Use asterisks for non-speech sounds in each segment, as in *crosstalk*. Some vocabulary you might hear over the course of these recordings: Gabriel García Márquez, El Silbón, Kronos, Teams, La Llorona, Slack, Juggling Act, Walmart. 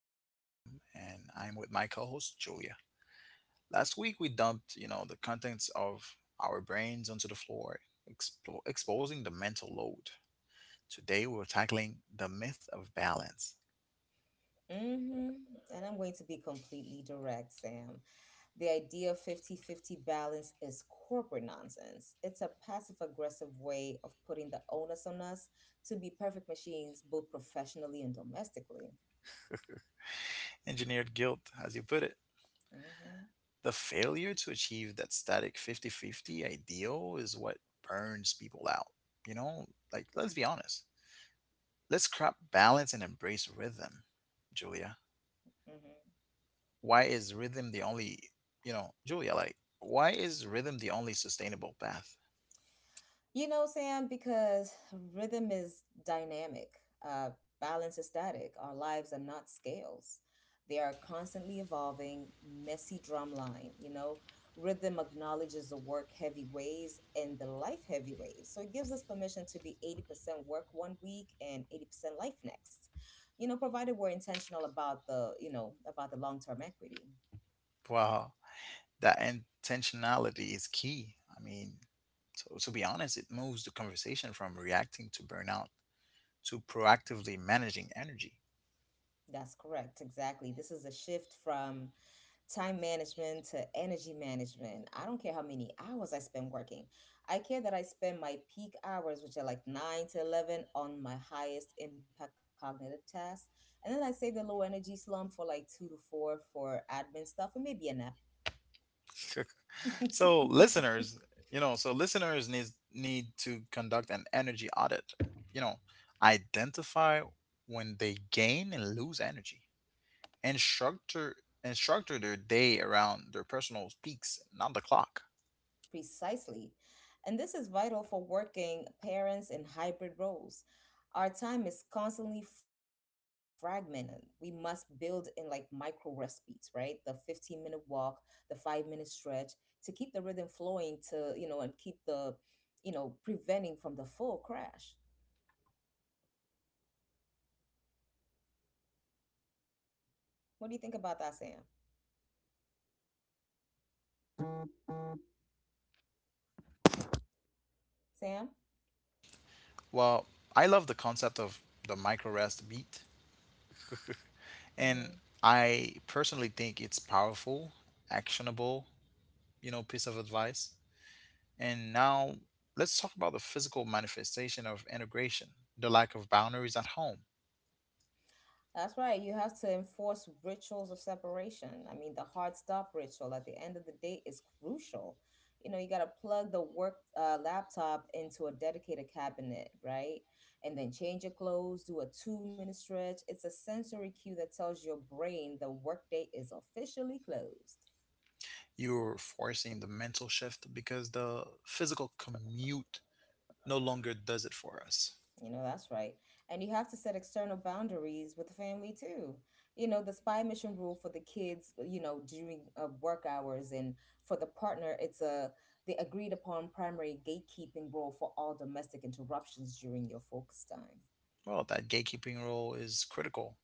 I am Sam and I am with my co-host Julia. Last week we dumped, you know, the contents of our brains onto the floor, exposing the mental load. Today we're tackling the myth of balance, hmm And I'm going to be completely direct, Sam. The idea of 50-50 balance is corporate nonsense. It's a passive aggressive way of putting the onus on us to be perfect machines, both professionally and domestically. engineered guilt as you put it. hmm The failure to achieve that static 50-50 ideal is what burns people out. You know, like let's be honest. Let's scrap balance and embrace rhythm. Julia, hmm why is rhythm the only you know julia like why is rhythm the only sustainable path. You know, Sam, because rhythm is dynamic, uh, balance is static. Our lives are not scales. They are constantly evolving, messy drum line. You know, rhythm acknowledges the work heavy waves and the life heavy waves. So it gives us permission to be 80% work 1 week and 80% life next. Provided we're intentional about the long term equity. Wow, that intentionality is key. I mean, so to be honest, it moves the conversation from reacting to burnout to proactively managing energy. That's correct. Exactly. This is a shift from time management to energy management. I don't care how many hours I spend working. I care that I spend my peak hours, which are like 9 to 11, on my highest impact cognitive tasks. And then I save the low energy slump for like 2 to 4 for admin stuff and maybe a nap. So *laughs* listeners you know so listeners need need to conduct an energy audit, you know, identify when they gain and lose energy, and structure and structure their day around their personal peaks, not the clock. Precisely. And this is vital for working parents in hybrid roles. Our time is constantly fragmented. We must build in like micro rest beats, right? The 15-minute walk, the 5 minute stretch to keep the rhythm flowing and keep the, preventing from the full crash. What do you think about that, Sam? Sam? Well, I love the concept of the micro rest beat, and Mm-hmm. I personally think it's powerful, actionable, you know, piece of advice. And now let's talk about the physical manifestation of integration, the lack of boundaries at home. That's right. You have to enforce rituals of separation. I mean, the hard stop ritual at the end of the day is crucial. You know, you got to plug the work laptop into a dedicated cabinet, right? And then change your clothes, do a 2 minute stretch. It's a sensory cue that tells your brain the workday is officially closed. You're forcing the mental shift because the physical commute no longer does it for us. You know, that's right. And you have to set external boundaries with the family too. You know, the spy mission rule for the kids, you know, during work hours, and for the partner, it's a the agreed upon primary gatekeeping role for all domestic interruptions during your focus time. Well, that gatekeeping role is critical.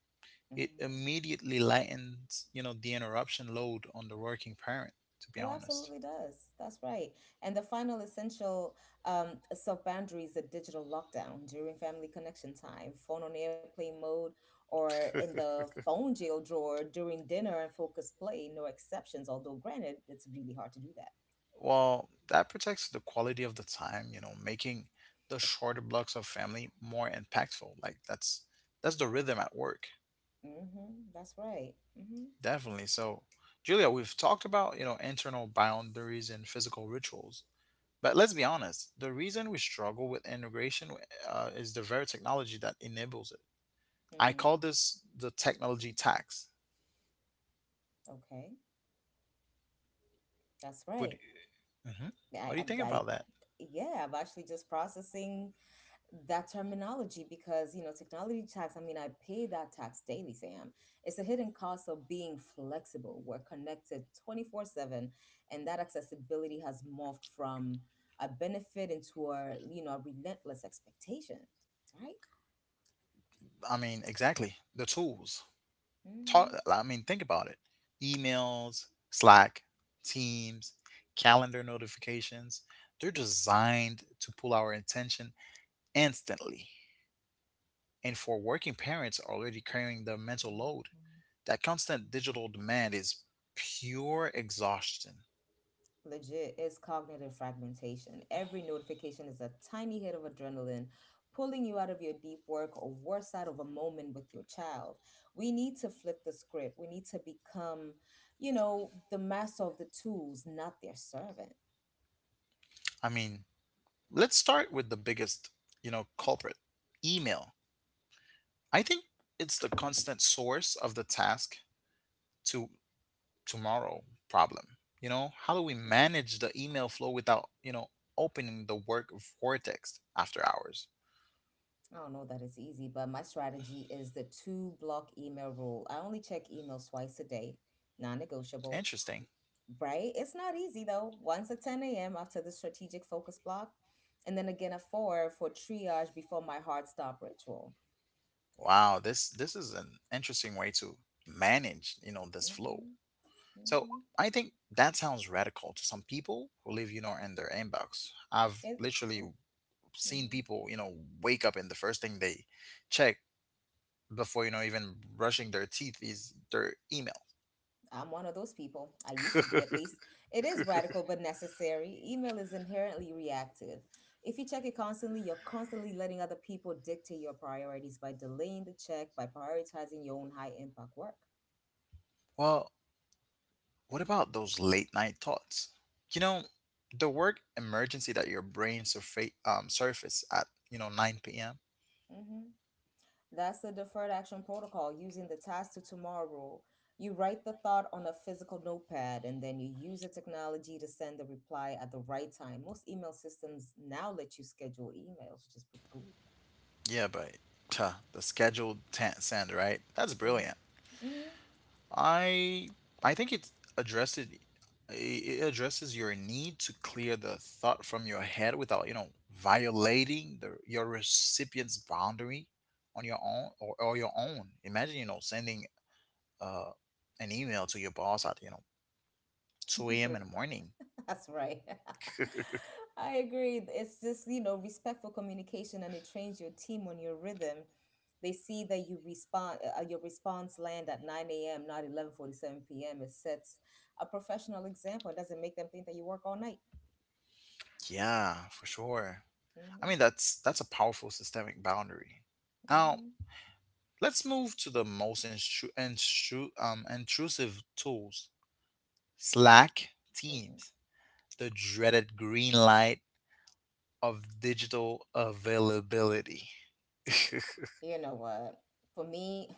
It Mhm. immediately lightens, you know, the interruption load on the working parent, to be It honest. absolutely does. That's right. And the final essential self boundary is a digital lockdown during family connection time, phone on airplane mode, or in the phone jail drawer during dinner and focused play. No exceptions, although, granted, it's really hard to do that. Well, that protects the quality of the time, you know, making the shorter blocks of family more impactful. Like that's the rhythm at work. Mm-hmm. That's right. Mm-hmm. Definitely. So, Julia, we've talked about, you know, internal boundaries and physical rituals. But let's be honest, the reason we struggle with integration is the very technology that enables it. I Mm-hmm. call this the technology tax. Okay. That's right. Would— Mhm. What I, do you I, think I, about that? yeah, I'm actually just processing that terminology because, you know, technology tax. I mean, I pay that tax daily, Sam. It's a hidden cost of being flexible. We're connected 24/7 and that accessibility has morphed from a benefit into, a a relentless expectation, right? I mean, exactly. The tools. hmm Talk, I mean, think about it. Emails, Slack, Teams, calendar notifications. They're designed to pull our attention instantly. And for working parents already carrying the mental load, that constant digital demand is pure exhaustion. Legit is cognitive fragmentation. Every notification is a tiny hit of adrenaline pulling you out of your deep work or worse out of a moment with your child. We need to flip the script. We need to become, the master of the tools, not their servant. I mean, let's start with the biggest, you know, culprit, email. I think it's the constant source of the task to tomorrow problem. You know, how do we Mhm. manage the email flow without, you know, opening the work vortex after hours? I don't know that it's easy, but my strategy is the two block email rule. I only check emails twice a day, non negotiable, Interesting. right? It's not easy though. Once at 10 a.m. after the strategic focus block, and then again at 4 for triage before my hard stop ritual. Wow, this is an interesting way to manage, you know, this flow. Mm-hmm, So mm-hmm. I think that sounds radical to some people who live, you know, in their inbox. I've It, literally seen mm-hmm. people, you know, wake up and the first thing they check before, you know, even brushing their teeth is their email. I'm one of those people. I used to be at least. It is radical but necessary. Email is inherently reactive. If you check it constantly, you're constantly letting other people dictate your priorities by delaying the check, by prioritizing your own high impact work. Well, what about those late night thoughts? You know, the work emergency that your brain surface at, you know, 9 p.m.? hmm that's the deferred action protocol using the task to tomorrow rule. You write the thought on a physical notepad and then you use the technology to send the reply at the right time. Most email systems now let you schedule emails, which is pretty cool. Yeah, but the scheduled send, right? That's Mm-hmm. brilliant. Mm-hmm. I I think addresses it addresses your need to clear the thought from your head without, you know, violating the your recipient's boundary on your own or your own. Imagine, you know, sending uh, an email to your boss at, you know, 2 *laughs* a.m. Three. in the morning. That's right. *laughs* *laughs* I agree. It's just, you know, respectful communication and it trains your team on your rhythm. They see that you respond, your response land at 9 a.m., not 11:47 p.m. It sets a professional example. It doesn't make them think that you work all night. Yeah, for sure. I hmm mean, that's a powerful systemic boundary. Now, hmm let's move to the most intrusive tools. Slack, Teams, hmm the dreaded green light of digital availability. *laughs* You know what? For me,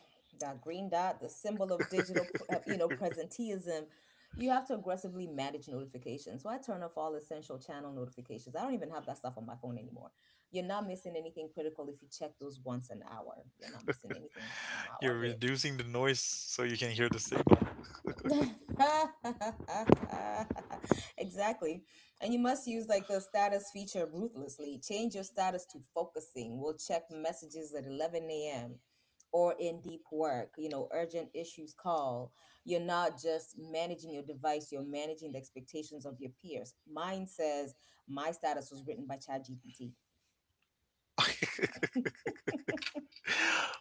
that green dot, the symbol of digital, you know, presenteeism, you have to aggressively manage notifications. So I turn off all essential channel notifications. I don't even have that stuff on my phone anymore. You're not missing anything critical if you check those once an hour. You're not missing anything, not one You're bit. reducing the noise so you can hear the signal. *laughs* Exactly. And you must use like the status feature ruthlessly. Change your status to focusing. We'll check messages at 11 a.m. or in deep work, you know, urgent issues call. You're not just managing your device, you're managing the expectations of your peers. Mine says my status was written by ChatGPT. *laughs*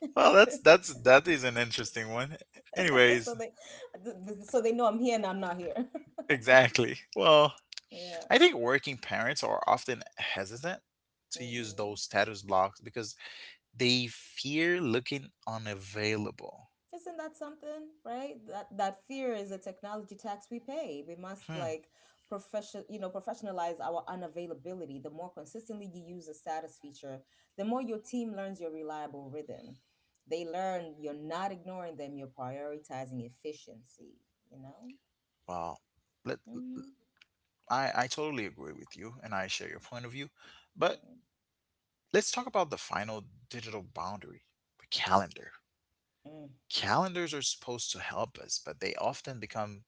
*laughs* Well, that is an interesting one. So they Anyways, so they know I'm here and I'm not here. *laughs* exactly. Well, Yeah. I think working parents are often hesitant to use Mm-mm. those status blocks because they fear looking unavailable. Isn't that something, right? That that fear is a technology tax we pay. We must Hmm. like professionalize our unavailability. The more consistently you use the status feature, the more your team learns your reliable rhythm. They learn you're not ignoring them, you're prioritizing efficiency, you know? Wow. Let— Mm-hmm. I totally agree with you and I share your point of view. But Mm-hmm. let's talk about the final digital boundary, the calendar. Mm-hmm. Calendars are supposed to help us, but they often become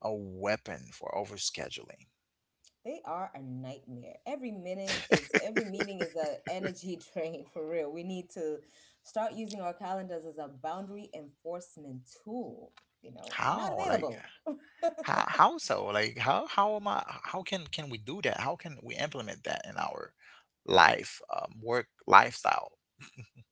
a weapon for overscheduling. They are a nightmare. Every meeting is a energy *laughs* drain for real. We need to start using our calendars as a boundary enforcement tool. You *laughs* know, I'm not How? Like, available. how so? Like how am I how can we do that? How can we implement that in our life, work lifestyle?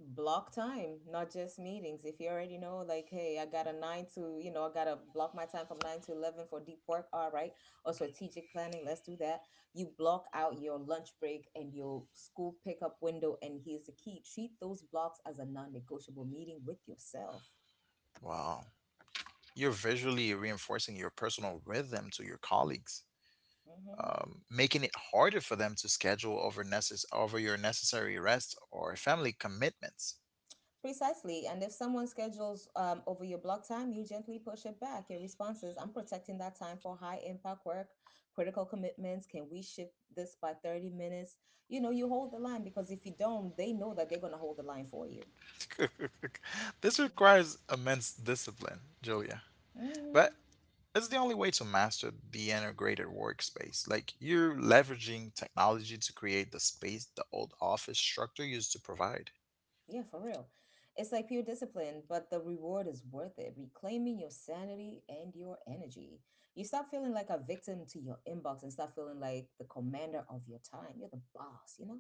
Block time, not just meetings. If you already know, like, hey, I got a nine to, you know, I gotta block my time from 9 to 11 for deep work. All right, or strategic planning. Let's do that. You block out your lunch break and your school pickup window, and here's the key: treat those blocks as a non-negotiable meeting with yourself. Wow. You're visually reinforcing your personal rhythm to your colleagues, hmm making it harder for them to schedule over over your necessary rest or family commitments. Precisely. And if someone schedules over your block time, you gently push it back. Your response is, I'm protecting that time for high impact work, critical commitments. Can we shift this by 30 minutes? You know, you hold the line because if you don't, they know that they're going to hold the line for you. *laughs* This requires immense discipline, Julia. But hmm it's the only way to master the integrated workspace. Like, you're leveraging technology to create the space the old office structure used to provide. Yeah, for real. It's like pure discipline, but the reward is worth it. Reclaiming your sanity and your energy. You stop feeling like a victim to your inbox and start feeling like the commander of your time. You're the boss, you know?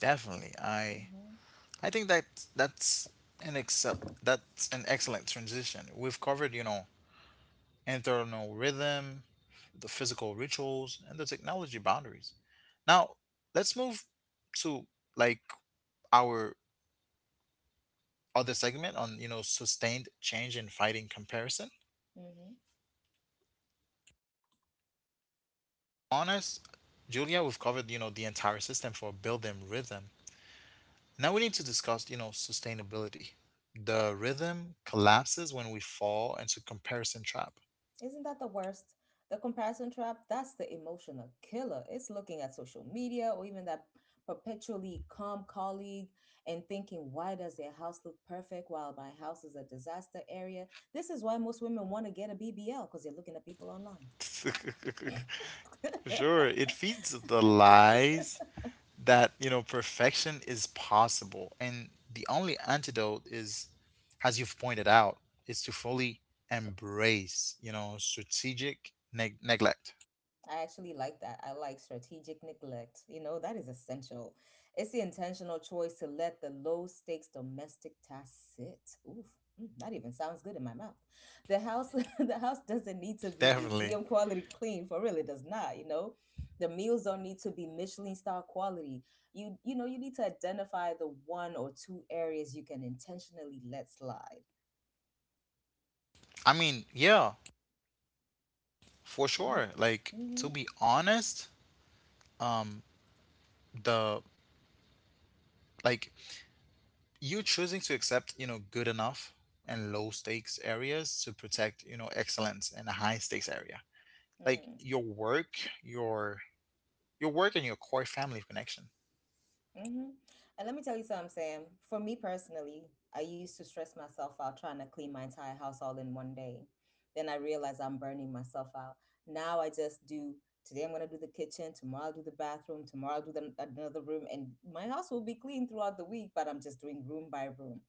Definitely. I Mm-hmm. I think that that's an excel that's an excellent transition. We've covered, you know, internal rhythm, the physical rituals, and the technology boundaries. Now let's move to, like, our other segment on, you know, sustained change and fighting comparison. hmm Honest, Julia, we've covered, you know, the entire system for building rhythm. Now we need to discuss, you know, sustainability. The rhythm collapses when we fall into comparison trap. Isn't that the worst? The comparison trap, that's the emotional killer. It's looking at social media or even that perpetually calm colleague and thinking, why does their house look perfect while my house is a disaster area? This is why most women want to get a BBL because they're looking at people online. *laughs* *laughs* Sure, it feeds the lies that, you know, perfection is possible. And the only antidote is, as you've pointed out, is to fully embrace, you know, strategic neglect. I actually like that. I like strategic neglect. You know, that is essential. It's the intentional choice to let the low stakes domestic tasks sit. Oof, mm, that even sounds good in my mouth. The house *laughs* the house doesn't need to be Definitely. museum quality clean for real. It does not, you know. The meals don't need to be Michelin star quality. You know, you need to identify the one or two areas you can intentionally let slide. I mean, yeah, for Mm-hmm. sure. Like, to Mm-hmm. be honest, um the like you choosing to accept, you know, good enough and low stakes areas to protect, you know, excellence in a high stakes area. Like Mm-hmm. your work, your your work and your core family connection. Mm-hmm. And let me tell you something, Sam. For me personally, I used to stress myself out trying to clean my entire house all in 1 day. Then I realized I'm burning myself out. Now I just do today. I'm going to do the kitchen, tomorrow I'll do the bathroom, tomorrow I'll do the, another room, and my house will be clean throughout the week, but I'm just doing room by room.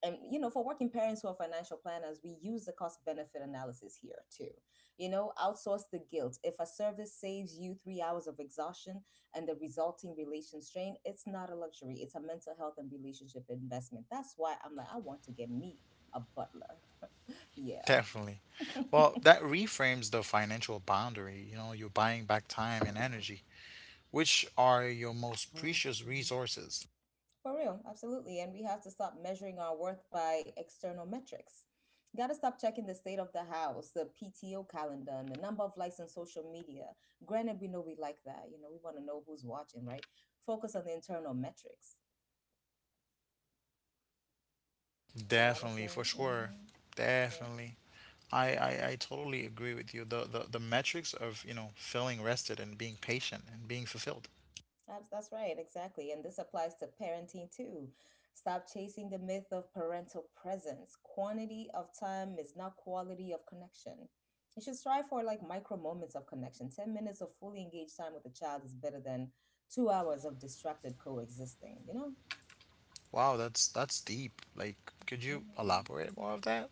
And, you know, for working parents who are financial planners, we use the cost benefit analysis here too. You know, outsource the guilt. If a service saves you 3 hours of exhaustion, and the resulting relation strain, it's not a luxury. It's a mental health and relationship investment. That's why I'm like, I want to get me a butler. Yeah. Definitely. *laughs* Well, that reframes the financial boundary. You know, you're buying back time and energy, which are your most precious resources. For real, absolutely. And we have to stop measuring our worth by external metrics. Got to stop checking the state of the house, the PTO calendar, and the number of likes on social media. Granted, we know we like that. You know, we want to know who's watching, right? Focus on the internal metrics. You know what I'm Definitely, for saying? sure. Mm-hmm. Yeah. Definitely. I totally agree with you. The, the metrics of, you know, feeling rested and being patient and being fulfilled. That's right, exactly. And this applies to parenting too. Stop chasing the myth of parental presence. Quantity of time is not quality of connection. You should strive for like micro moments of connection. 10 minutes of fully engaged time with a child is better than 2 hours of distracted coexisting, you know? Wow, that's deep. Like, could you Mm-hmm. elaborate more of that?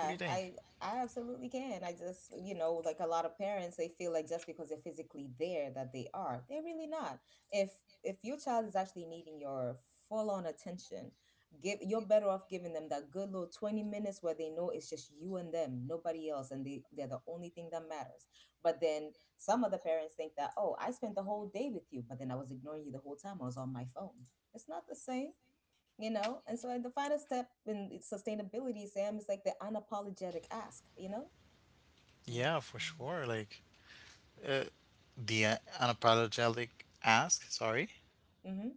What do you think? I absolutely can. I just, you know, like a lot of parents, they feel like just because they're physically there that they are. They're really not. If if your child is actually needing your full-on attention, give you're better off giving them that good little 20 minutes where they know it's just you and them, nobody else, and they're the only thing that matters. But then some of the parents think that, "Oh, I spent the whole day with you, but then I was ignoring you the whole time. I was on my phone." It's not the same. And so, like, the final step in sustainability, Sam, is like the unapologetic ask. Yeah, Mhm. for sure. Like, uh, the unapologetic ask, sorry. Mm-hmm.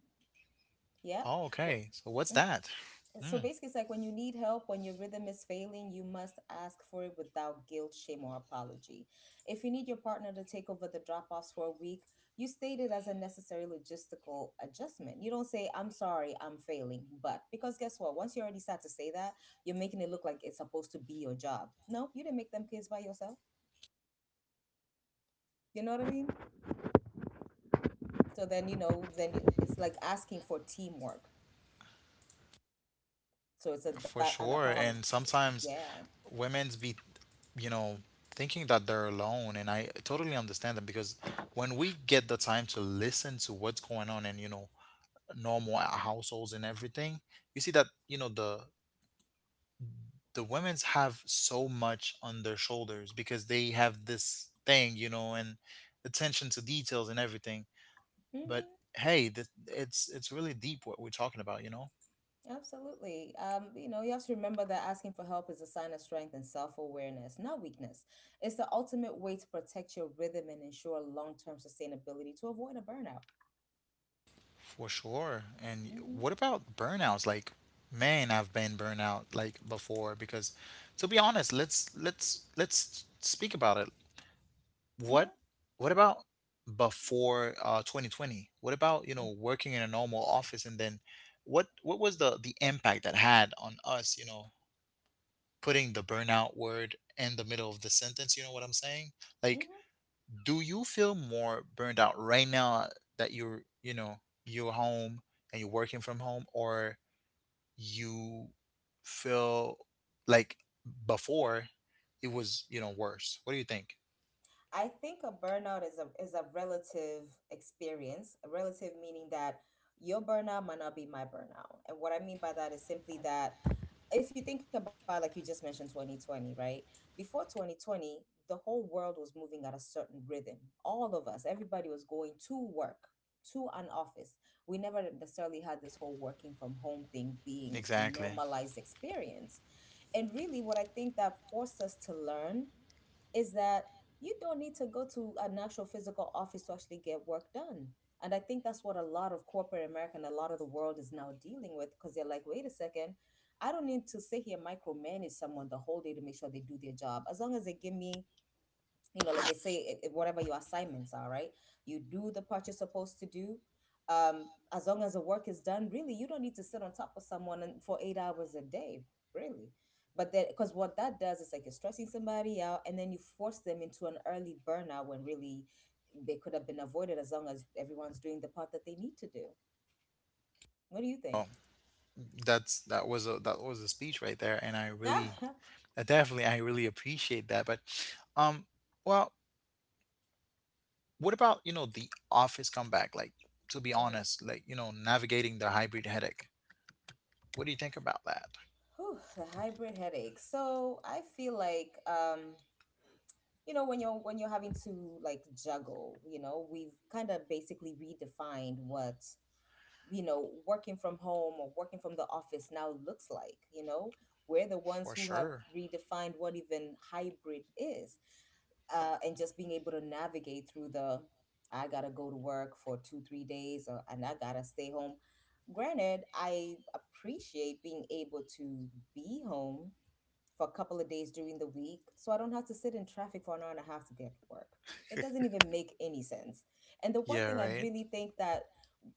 Yeah. Oh, okay. So what's Wh- mm. that? So Mm, basically, it's like, when you need help, when your rhythm is failing, you must ask for it without guilt, shame, or apology. If you need your partner to take over the drop-offs for a week, you state it as a necessary logistical adjustment. You don't say, "I'm sorry, I'm failing," but, because, guess what, once you already start to say that, you're making it look like it's supposed to be your job. No, you didn't make them kids by yourself. You know what I mean? So then, it's like asking for teamwork. So it's a that for an sure. apology. And Yeah. sometimes women's be, you know, thinking that they're alone. And I totally understand them, because when we get the time to listen to what's going on and, you know, normal households and everything, you see that, you know, the women's have so much on their shoulders, because they have this thing, you know, and attention to details and everything. But Mm-hmm. hey, it's really deep what we're talking about, you know. Absolutely. You have to remember that asking for help is a sign of strength and self-awareness, not weakness. It's the ultimate way to protect your rhythm and ensure long-term sustainability, to avoid a burnout. For sure. And Mm-hmm. what about burnouts? Like, man, I've been burnout like before because, to be honest, let's speak about it. Mm-hmm. what what about before 2020? What about, you know, working in a normal office and then what was the impact that had on us, you know, putting the burnout word in the middle of the sentence, you know what I'm saying? Like, Mm-hmm. do you feel more burned out right now that you're, you know, you're home and you're working from home, or you feel like before it was, you know, worse? What do you think? I think a burnout is a relative experience. A relative meaning that your burnout might not be my burnout. And what I mean by that is simply that, if you think about, like you just mentioned, 2020, right? Before 2020, the whole world was moving at a certain rhythm. All of us, everybody was going to work, to an office. We never necessarily had this whole working from home thing being a Exactly. normalized experience. And really, what I think that forced us to learn is that you don't need to go to an actual physical office to actually get work done. And I think that's what a lot of corporate America and a lot of the world is now dealing with, because they're like, wait a second, I don't need to sit here and micromanage someone the whole day to make sure they do their job. As long as they give me, like, they say whatever your assignments are, right, you do the part you're supposed to do. As long as the work is done, really, you don't need to sit on top of someone and for 8 hours a day, really. But then, because what that does is, like, you're stressing somebody out, and then you force them into an early burnout, when really they could have been avoided, as long as everyone's doing the part that they need to do. What do you think? that's that was a speech right there, and I really— *laughs* definitely, I really appreciate that. But um well, what about, you know, the office comeback? Like, to be Mhm. honest, like, you know, navigating the hybrid headache, what do you think about that? Whew, the hybrid headache. So I feel like, when you're having to, like, juggle, we've kind of basically redefined what, working from home or working from the office now looks like. We're the ones For who have sure. redefined what even hybrid is. And just being able to navigate through the I gotta go to work for 2-3 days, and I gotta stay home. Granted, I appreciate being able to be home for a couple of days during the week so I don't have to sit in traffic for an hour and a half to get to work. It doesn't even make any sense. And the one Yeah, thing I right. really think that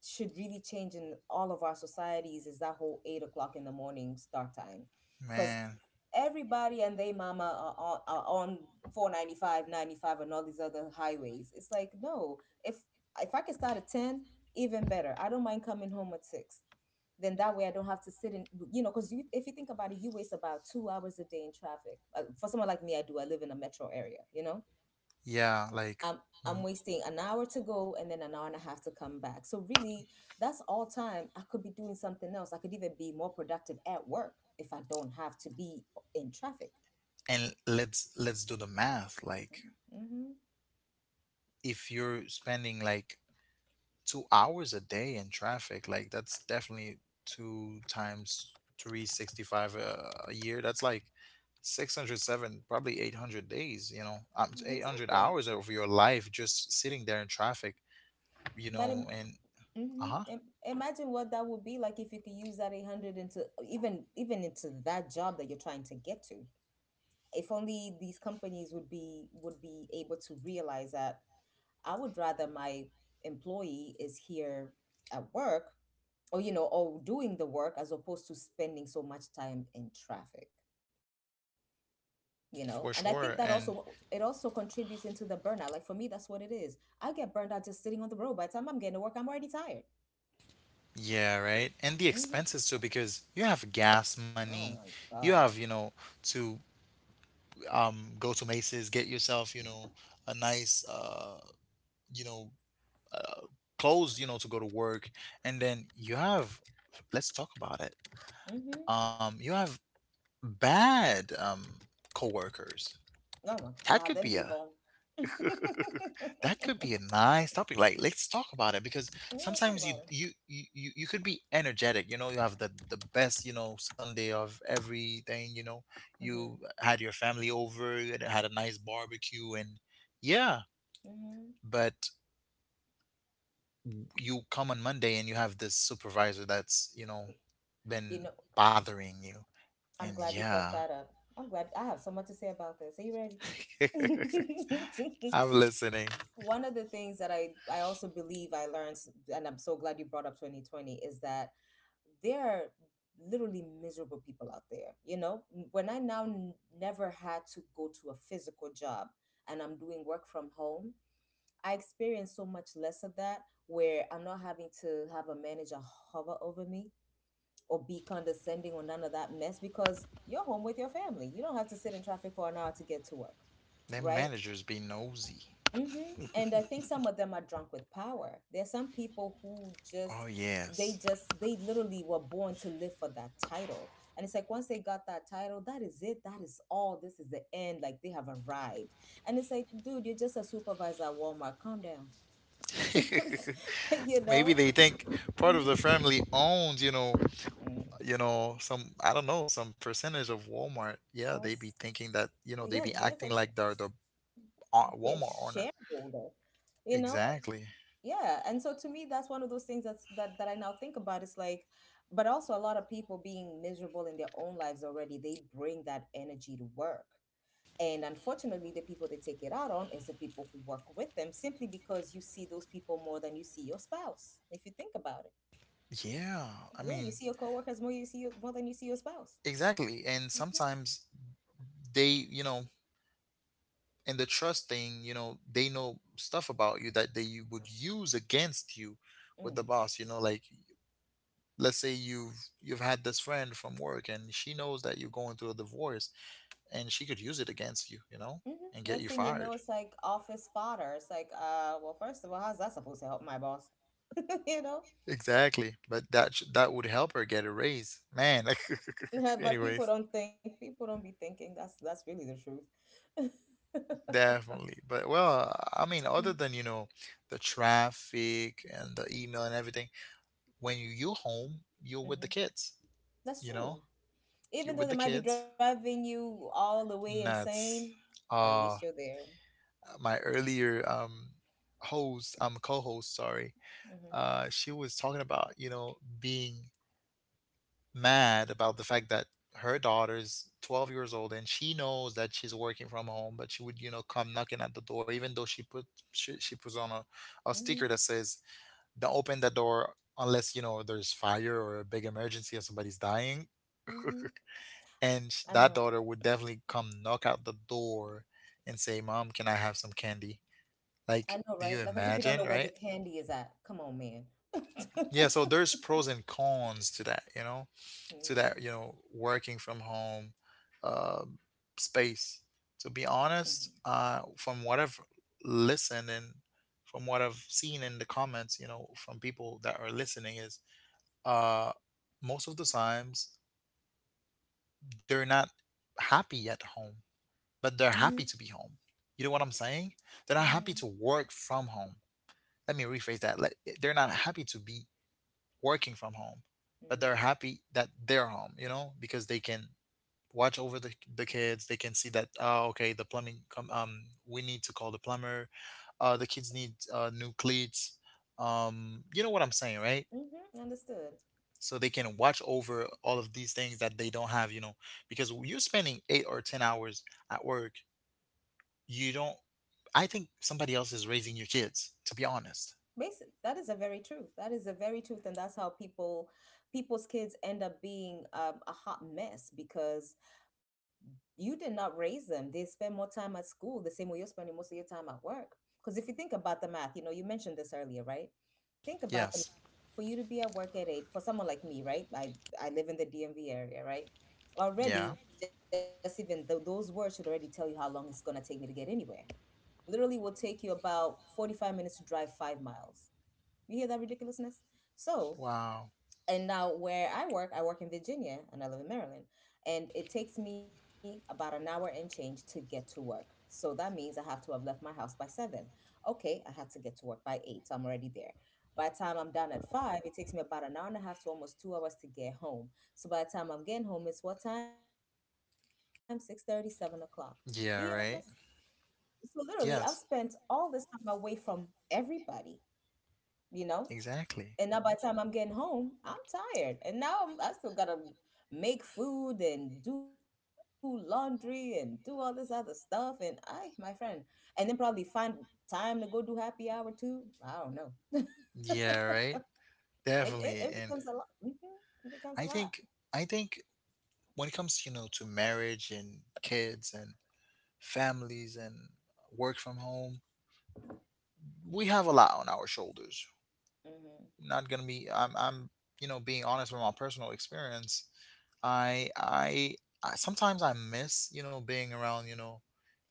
should really change in all of our societies is that whole 8 o'clock in the morning start time. Because Man. everybody and they mama are on 495, 95, and all these other highways. It's like, no, if if I can start at 10, even better. I don't mind coming home at 6. Then that way I don't have to sit in, because you if you think about it, you waste about 2 hours a day in traffic. For someone like me, I live in a metro area. Yeah. Like, um, I'm mm, wasting an hour to go and then an hour and a half to come back, so really, that's all time I could be doing something else. I could even be more productive at work if I don't have to be in traffic. and let's do the math. Like, Mm-hmm. if you're spending like 2 hours a day in traffic, like, that's definitely two times 365 a year. That's like 607, probably 800 days, you know, 800 Exactly. hours of your life just sitting there in traffic, you But know. And uh-huh, mm-hmm, imagine what that would be like if you could use that 800 into even into that job that you're trying to get to. If only these companies would be able to realize that I would rather my employee is here at work, or, or doing the work, as opposed to spending so much time in traffic. And I for think that sure. also, And it also contributes into the burnout. Like, for me, that's what it is. I get burned out just sitting on the road. By the time I'm getting to work, I'm already tired. yeah, right, and the Hmm. expenses too, because you have gas money, Oh my you have, god. you know, to, go to Macy's, get yourself, you know, a nice you know uh, clothes, you know, to go to work. And then you have— let's talk about it. Hmm. You have bad coworkers. Oh my That god, could them be a people. *laughs* Yeah, that could be a nice topic. Like, let's talk about it. Because let's talk sometimes, you about it. you you you you could be energetic, you know. You have the best, you know, Sunday of everything, you know. Hmm. You had your family over, you had a nice barbecue, and— yeah. Hmm. But you come on Monday and you have this supervisor that's, you know, you been know bothering you. And i'm glad you brought yeah. that up. I'm glad I have so much to say about this. Are you ready? *laughs* *laughs* I'm listening. One of the things that I also believe I learned, and I'm so glad you brought up 2020, is that there are literally miserable people out there. When I now never had to go to a physical job and I'm doing work from home, I experience so much less of that, where I'm not having to have a manager hover over me or be condescending or none of that mess, because you're home with your family. You don't have to sit in traffic for an hour to get to work. Them Right. managers be nosy. Hmm. And I think some of them are drunk with power. There are some people who Oh, just, yes. They literally were born to live for that title. And it's like, once they got that title, that is it. That is all. This is the end. Like, they have arrived. And it's like, dude, you're just a supervisor at Walmart. Calm down. *laughs* *laughs* You Maybe know? they think part of Hmm. the family owns, you know, some, I don't know, some percentage of Walmart. Yeah, Or, they be thinking that, you know, they yeah, be they're acting like, like they're the they're Walmart owner. shareholder. You know? Exactly. Yeah, and so to me that's one of those things that's, that that I now think about. It's like, but also a lot of people being miserable in their own lives already, they bring that energy to work. And unfortunately, the people they take it out on is the people who work with them, simply because you see those people more than you see your spouse, if you think about it. Yeah. I Yeah, you mean, see your coworkers more. You see more than you see your spouse. exactly. And Hmm. sometimes they, you know, and the trust thing, you know, they know stuff about you that they would use against you with Mm. the boss, you know. Like, let's say you've had this friend from work, and she knows that you're going through a divorce, and she could use it against you, you know, Hmm. and get Next you thing you know, fired. it's like office fodder. It's like, well, first of all, how's that supposed to help my boss? *laughs* You know? Exactly. But that that would help her get a raise, man. *laughs* *laughs* But people Anyways, don't think. People don't be thinking. That's really the truth. *laughs* definitely. But well, I mean, other Hmm. than, you know, the traffic and the email and everything, when you home, you're with the kids, you That's know, true. you're with the Even though they might kids. be driving you all the way Nuts. insane, but at Uh, least you're there. my earlier host, co-host, sorry. Mm-hmm. She was talking about, you know, being mad about the fact that her daughter's 12 years old and she knows that she's working from home, but she would, you know, come knocking at the door even though she puts on a sticker Mm-hmm. that says, "Don't open the door unless, you know, there's fire or a big emergency or somebody's dying." Mm-hmm. I know. That daughter would definitely come knock out the door and say, "Mom, can I have some candy?" I Like, know, do right? you Like, as if you don't imagine, know where the right? candy is at. Come on, man. *laughs* Yeah, so there's pros and cons to that, you know, working from home um space. To be honest, from what I've listened and from what I've seen in the comments, you know, from people that are listening, is uh, most of the times they're not happy at home, Mm-hmm. but Mm-hmm. they're happy to be home. You know what I'm saying? They're not happy to Mm-hmm. work from home. Let me rephrase that. Like, they're not happy to be working from home, but they're Mm-hmm. happy that they're home, you know, because they can watch over the kids. They can see that, oh, okay, the plumbing, come, we need to call the plumber. The kids need new cleats. You know what I'm saying, right? Mm-hmm. Understood. So they can watch over all of these things that they don't have, you know, because you're spending 8 or 10 hours at work. You don't I think somebody else is raising your kids, to be honest. Basic, that is a very truth. That is a very truth, and that's how people, people's kids end up being, a hot mess, because you did not raise them. They spend more time at school, the same way you're spending most of your time at work. Because if you think about the math, you know, you mentioned this earlier, right? Think about the Yes. for you to be at work at 8. For someone like me, right? I live in the DMV area, right? Already, Yeah. just even those words should already tell you how long it's gonna take me to get anywhere. Literally, will take you about 45 minutes to drive 5 miles. You hear that ridiculousness? So, Wow. and now where I work in Virginia and I live in Maryland. And it takes me about an hour and change to get to work. So that means I have to have left my house by 7. Okay, I had to get to work by 8. So I'm already there. By the time I'm done at 5, it takes me about an hour and a half to almost 2 hours to get home. So by the time I'm getting home, it's what time? 6:30, 7 o'clock. You hear that mess? Yeah, right? So literally, I've spent all this Yes. time away from everybody, you know? And now by Exactly. the time I'm getting home, I'm tired. And now I still gotta make food and do laundry and do all this other stuff. And I, my friend, and then probably find time to go do happy hour too. I don't know. *laughs* it, Yeah, right? it, it Definitely. becomes a And lot. Hmm. It becomes a I lot. think I think when it comes, you know, to marriage and kids and families and work from home, we have a lot on our shoulders. Hmm. Not gonna be I'm you know, being honest from my personal experience. I i, I sometimes I miss, you know, being around, you know,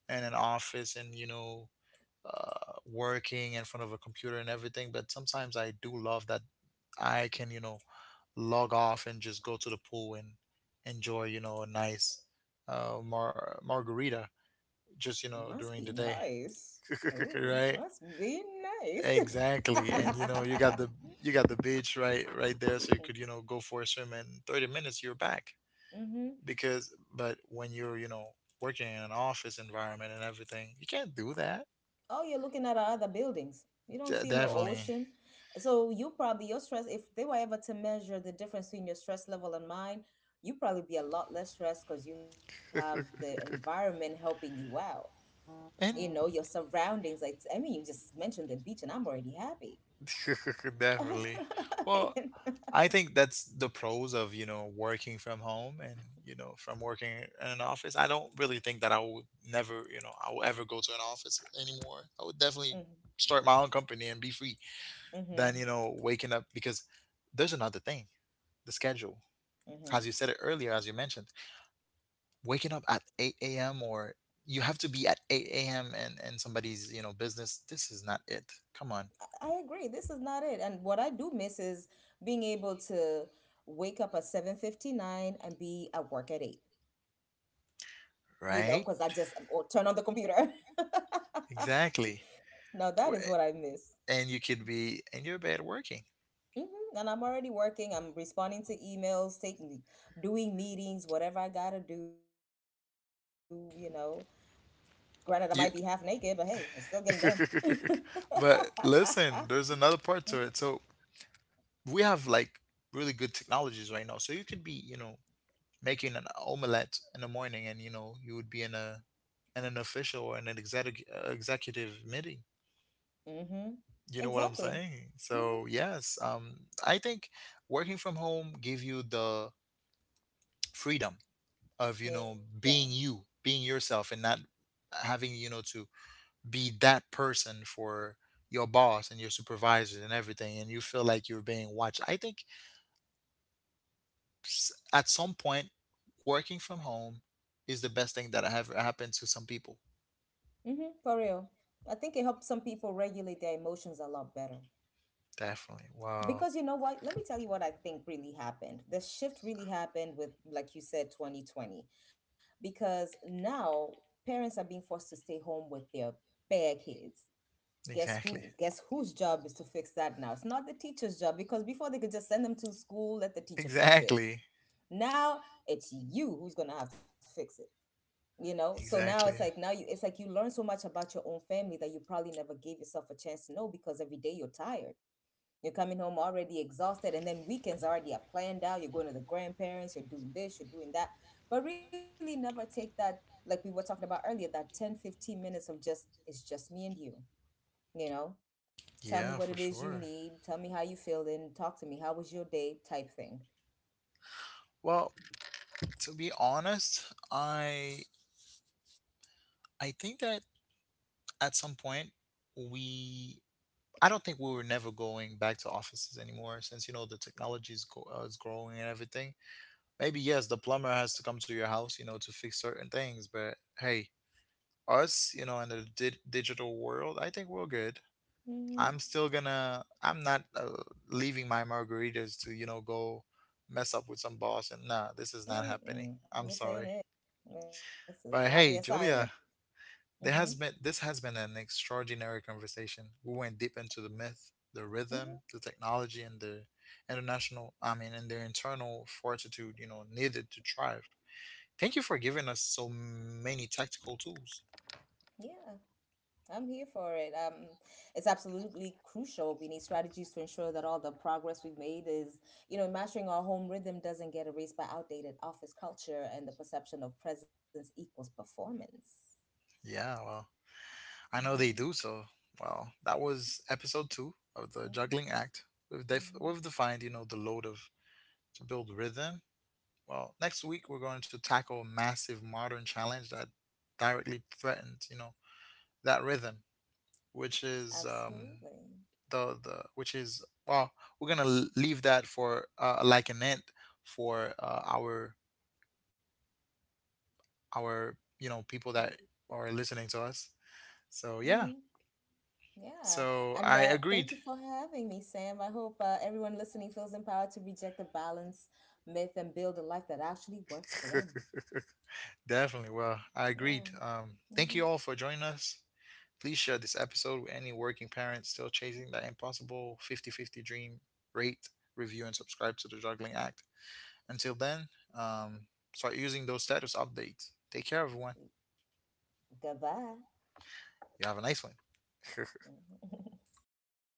in an office and, you know, working in front of a computer and everything, but sometimes I do love that I can, you know, log off and just go to the pool and enjoy, you know, a nice margarita It must just, you be know, during the day. nice. *laughs* Oh, must Right. be nice. Exactly. *laughs* And, you know, you got the beach, right there, so you could, you know, go for a swim in 30 minutes you're back. Mm-hmm. Because but when you're, you know, working in an office environment and everything, you can't do that. Oh, you're looking at other buildings. You don't see no Definitely. ocean. So you probably, your stress, if they were ever to measure the difference between your stress level and mine, you probably be a lot less stressed because you have the environment helping you out. You know, And your surroundings, like, I mean, you just mentioned the beach and I'm already happy. *laughs* definitely. *laughs* Well, I think that's the pros of, you know, working from home and, you know, from working in an office. I don't really think that I would never, you know, I will ever go to an office anymore. I would definitely Mhm, start my own company and be free. Than, mhm, you know, waking up because there's another thing: the schedule. mhm. As you said it earlier, as you mentioned, waking up at 8 a.m. or you have to be at 8 a.m. and somebody's, you know, business. This is not it. Come on. I agree. This is not it. And what I do miss is being able to wake up at 7:59 and be at work at eight. Because I just Right. will turn on the computer. Exactly. *laughs* Now that is what I Wh- miss. and you could be in your bed working. Hmm. And I'm already working. I'm responding to emails, doing meetings, whatever I gotta do. You know, granted, I might be half naked, but hey, You it's still getting done. *laughs* *laughs* But listen, there's another part to it. So we have, like, really good technologies right now, so you could be, you know, making an omelette in the morning, and you know, you would be in an official or in an executive meeting. Mm-hmm. You know what I'm Exactly. saying? Mm-hmm. So yes, I think working from home give you the freedom of, you Yeah. know, being you, being yourself, and not having, you know, to be that person for your boss and your supervisors and everything, and you feel like you're being watched. I think at some point, working from home is the best thing that have happened to some people. Mm-hmm. For real, I think it helps some people regulate their emotions a lot better. Definitely. Wow. Because you know what? Let me tell you what I think really happened. The shift really happened with, like you said, 2020, because now parents are being forced to stay home with their bare kids. Guess Exactly. who? Guess whose job is to fix that now? It's not the teacher's job, because before they could just send them to school, let the teacher fix it. Exactly. Now it's you who's gonna have to fix it. You know, so now it's like Exactly. now you it's like you learn so much about your own family that you probably never gave yourself a chance to know, because every day you're tired, you're coming home already exhausted, and then weekends already are planned out. You're going to the grandparents, you're doing this, you're doing that. But really, never take that, like we were talking about earlier, that 10-15 minutes of just, it's just me and you know? Tell me Yeah, what it for is you sure. need. Tell me how you feeling. Talk to me. How was your day? Type thing. Well, to be honest, I think that at some point we I don't think we were never going back to offices anymore since, you know, the technology is, is growing and everything. Maybe yes, the plumber has to come to your house, you know, to fix certain things, but hey, us, you know, in the digital world, I think we're good. Mm-hmm. I'm still gonna. I'm not leaving my margaritas to, you know, go mess up with some boss. And nah, this is not happening. Mm-mm. I'm This sorry, ain't it. This is not the but hey, assignment. Julia, Mm-hmm. there has been this has been an extraordinary conversation. We went deep into the myth, the Mm-hmm. rhythm, the technology, and the international, I mean, and their internal fortitude, you know, needed to thrive. Thank you for giving us so many tactical tools. Yeah. I'm here for it. It's absolutely crucial. We need strategies to ensure that all the progress we've made is, mastering our home rhythm doesn't get erased by outdated office culture and the perception of presence equals performance. Yeah, well, I know they Mm-hmm, do so. Wow, that was episode two of the mm-hmm. Juggling Act. Hmm. We've defined, you know, the load of to build rhythm. Well, next week we're going to tackle a massive modern challenge that directly threatens, you know, that rhythm, which is, Absolutely. Well, we're gonna leave that for like an end for our Mm, you know, people that are listening to us. So mm-hmm. yeah, Yeah. And so I thank you agreed. for having me, Sam. I hope everyone listening feels empowered to reject the balance myth and build a life that actually works for *laughs* them. Definitely. Yeah. Well, I agreed. Mm-hmm. Thank you all for joining us. Please share this episode with any working parent still chasing that impossible 50-50 dream. Rate, review, and subscribe to the Juggling Act. Until then, um, start using those status updates. Take care, everyone. Goodbye. You have a nice one. *laughs* Mhm.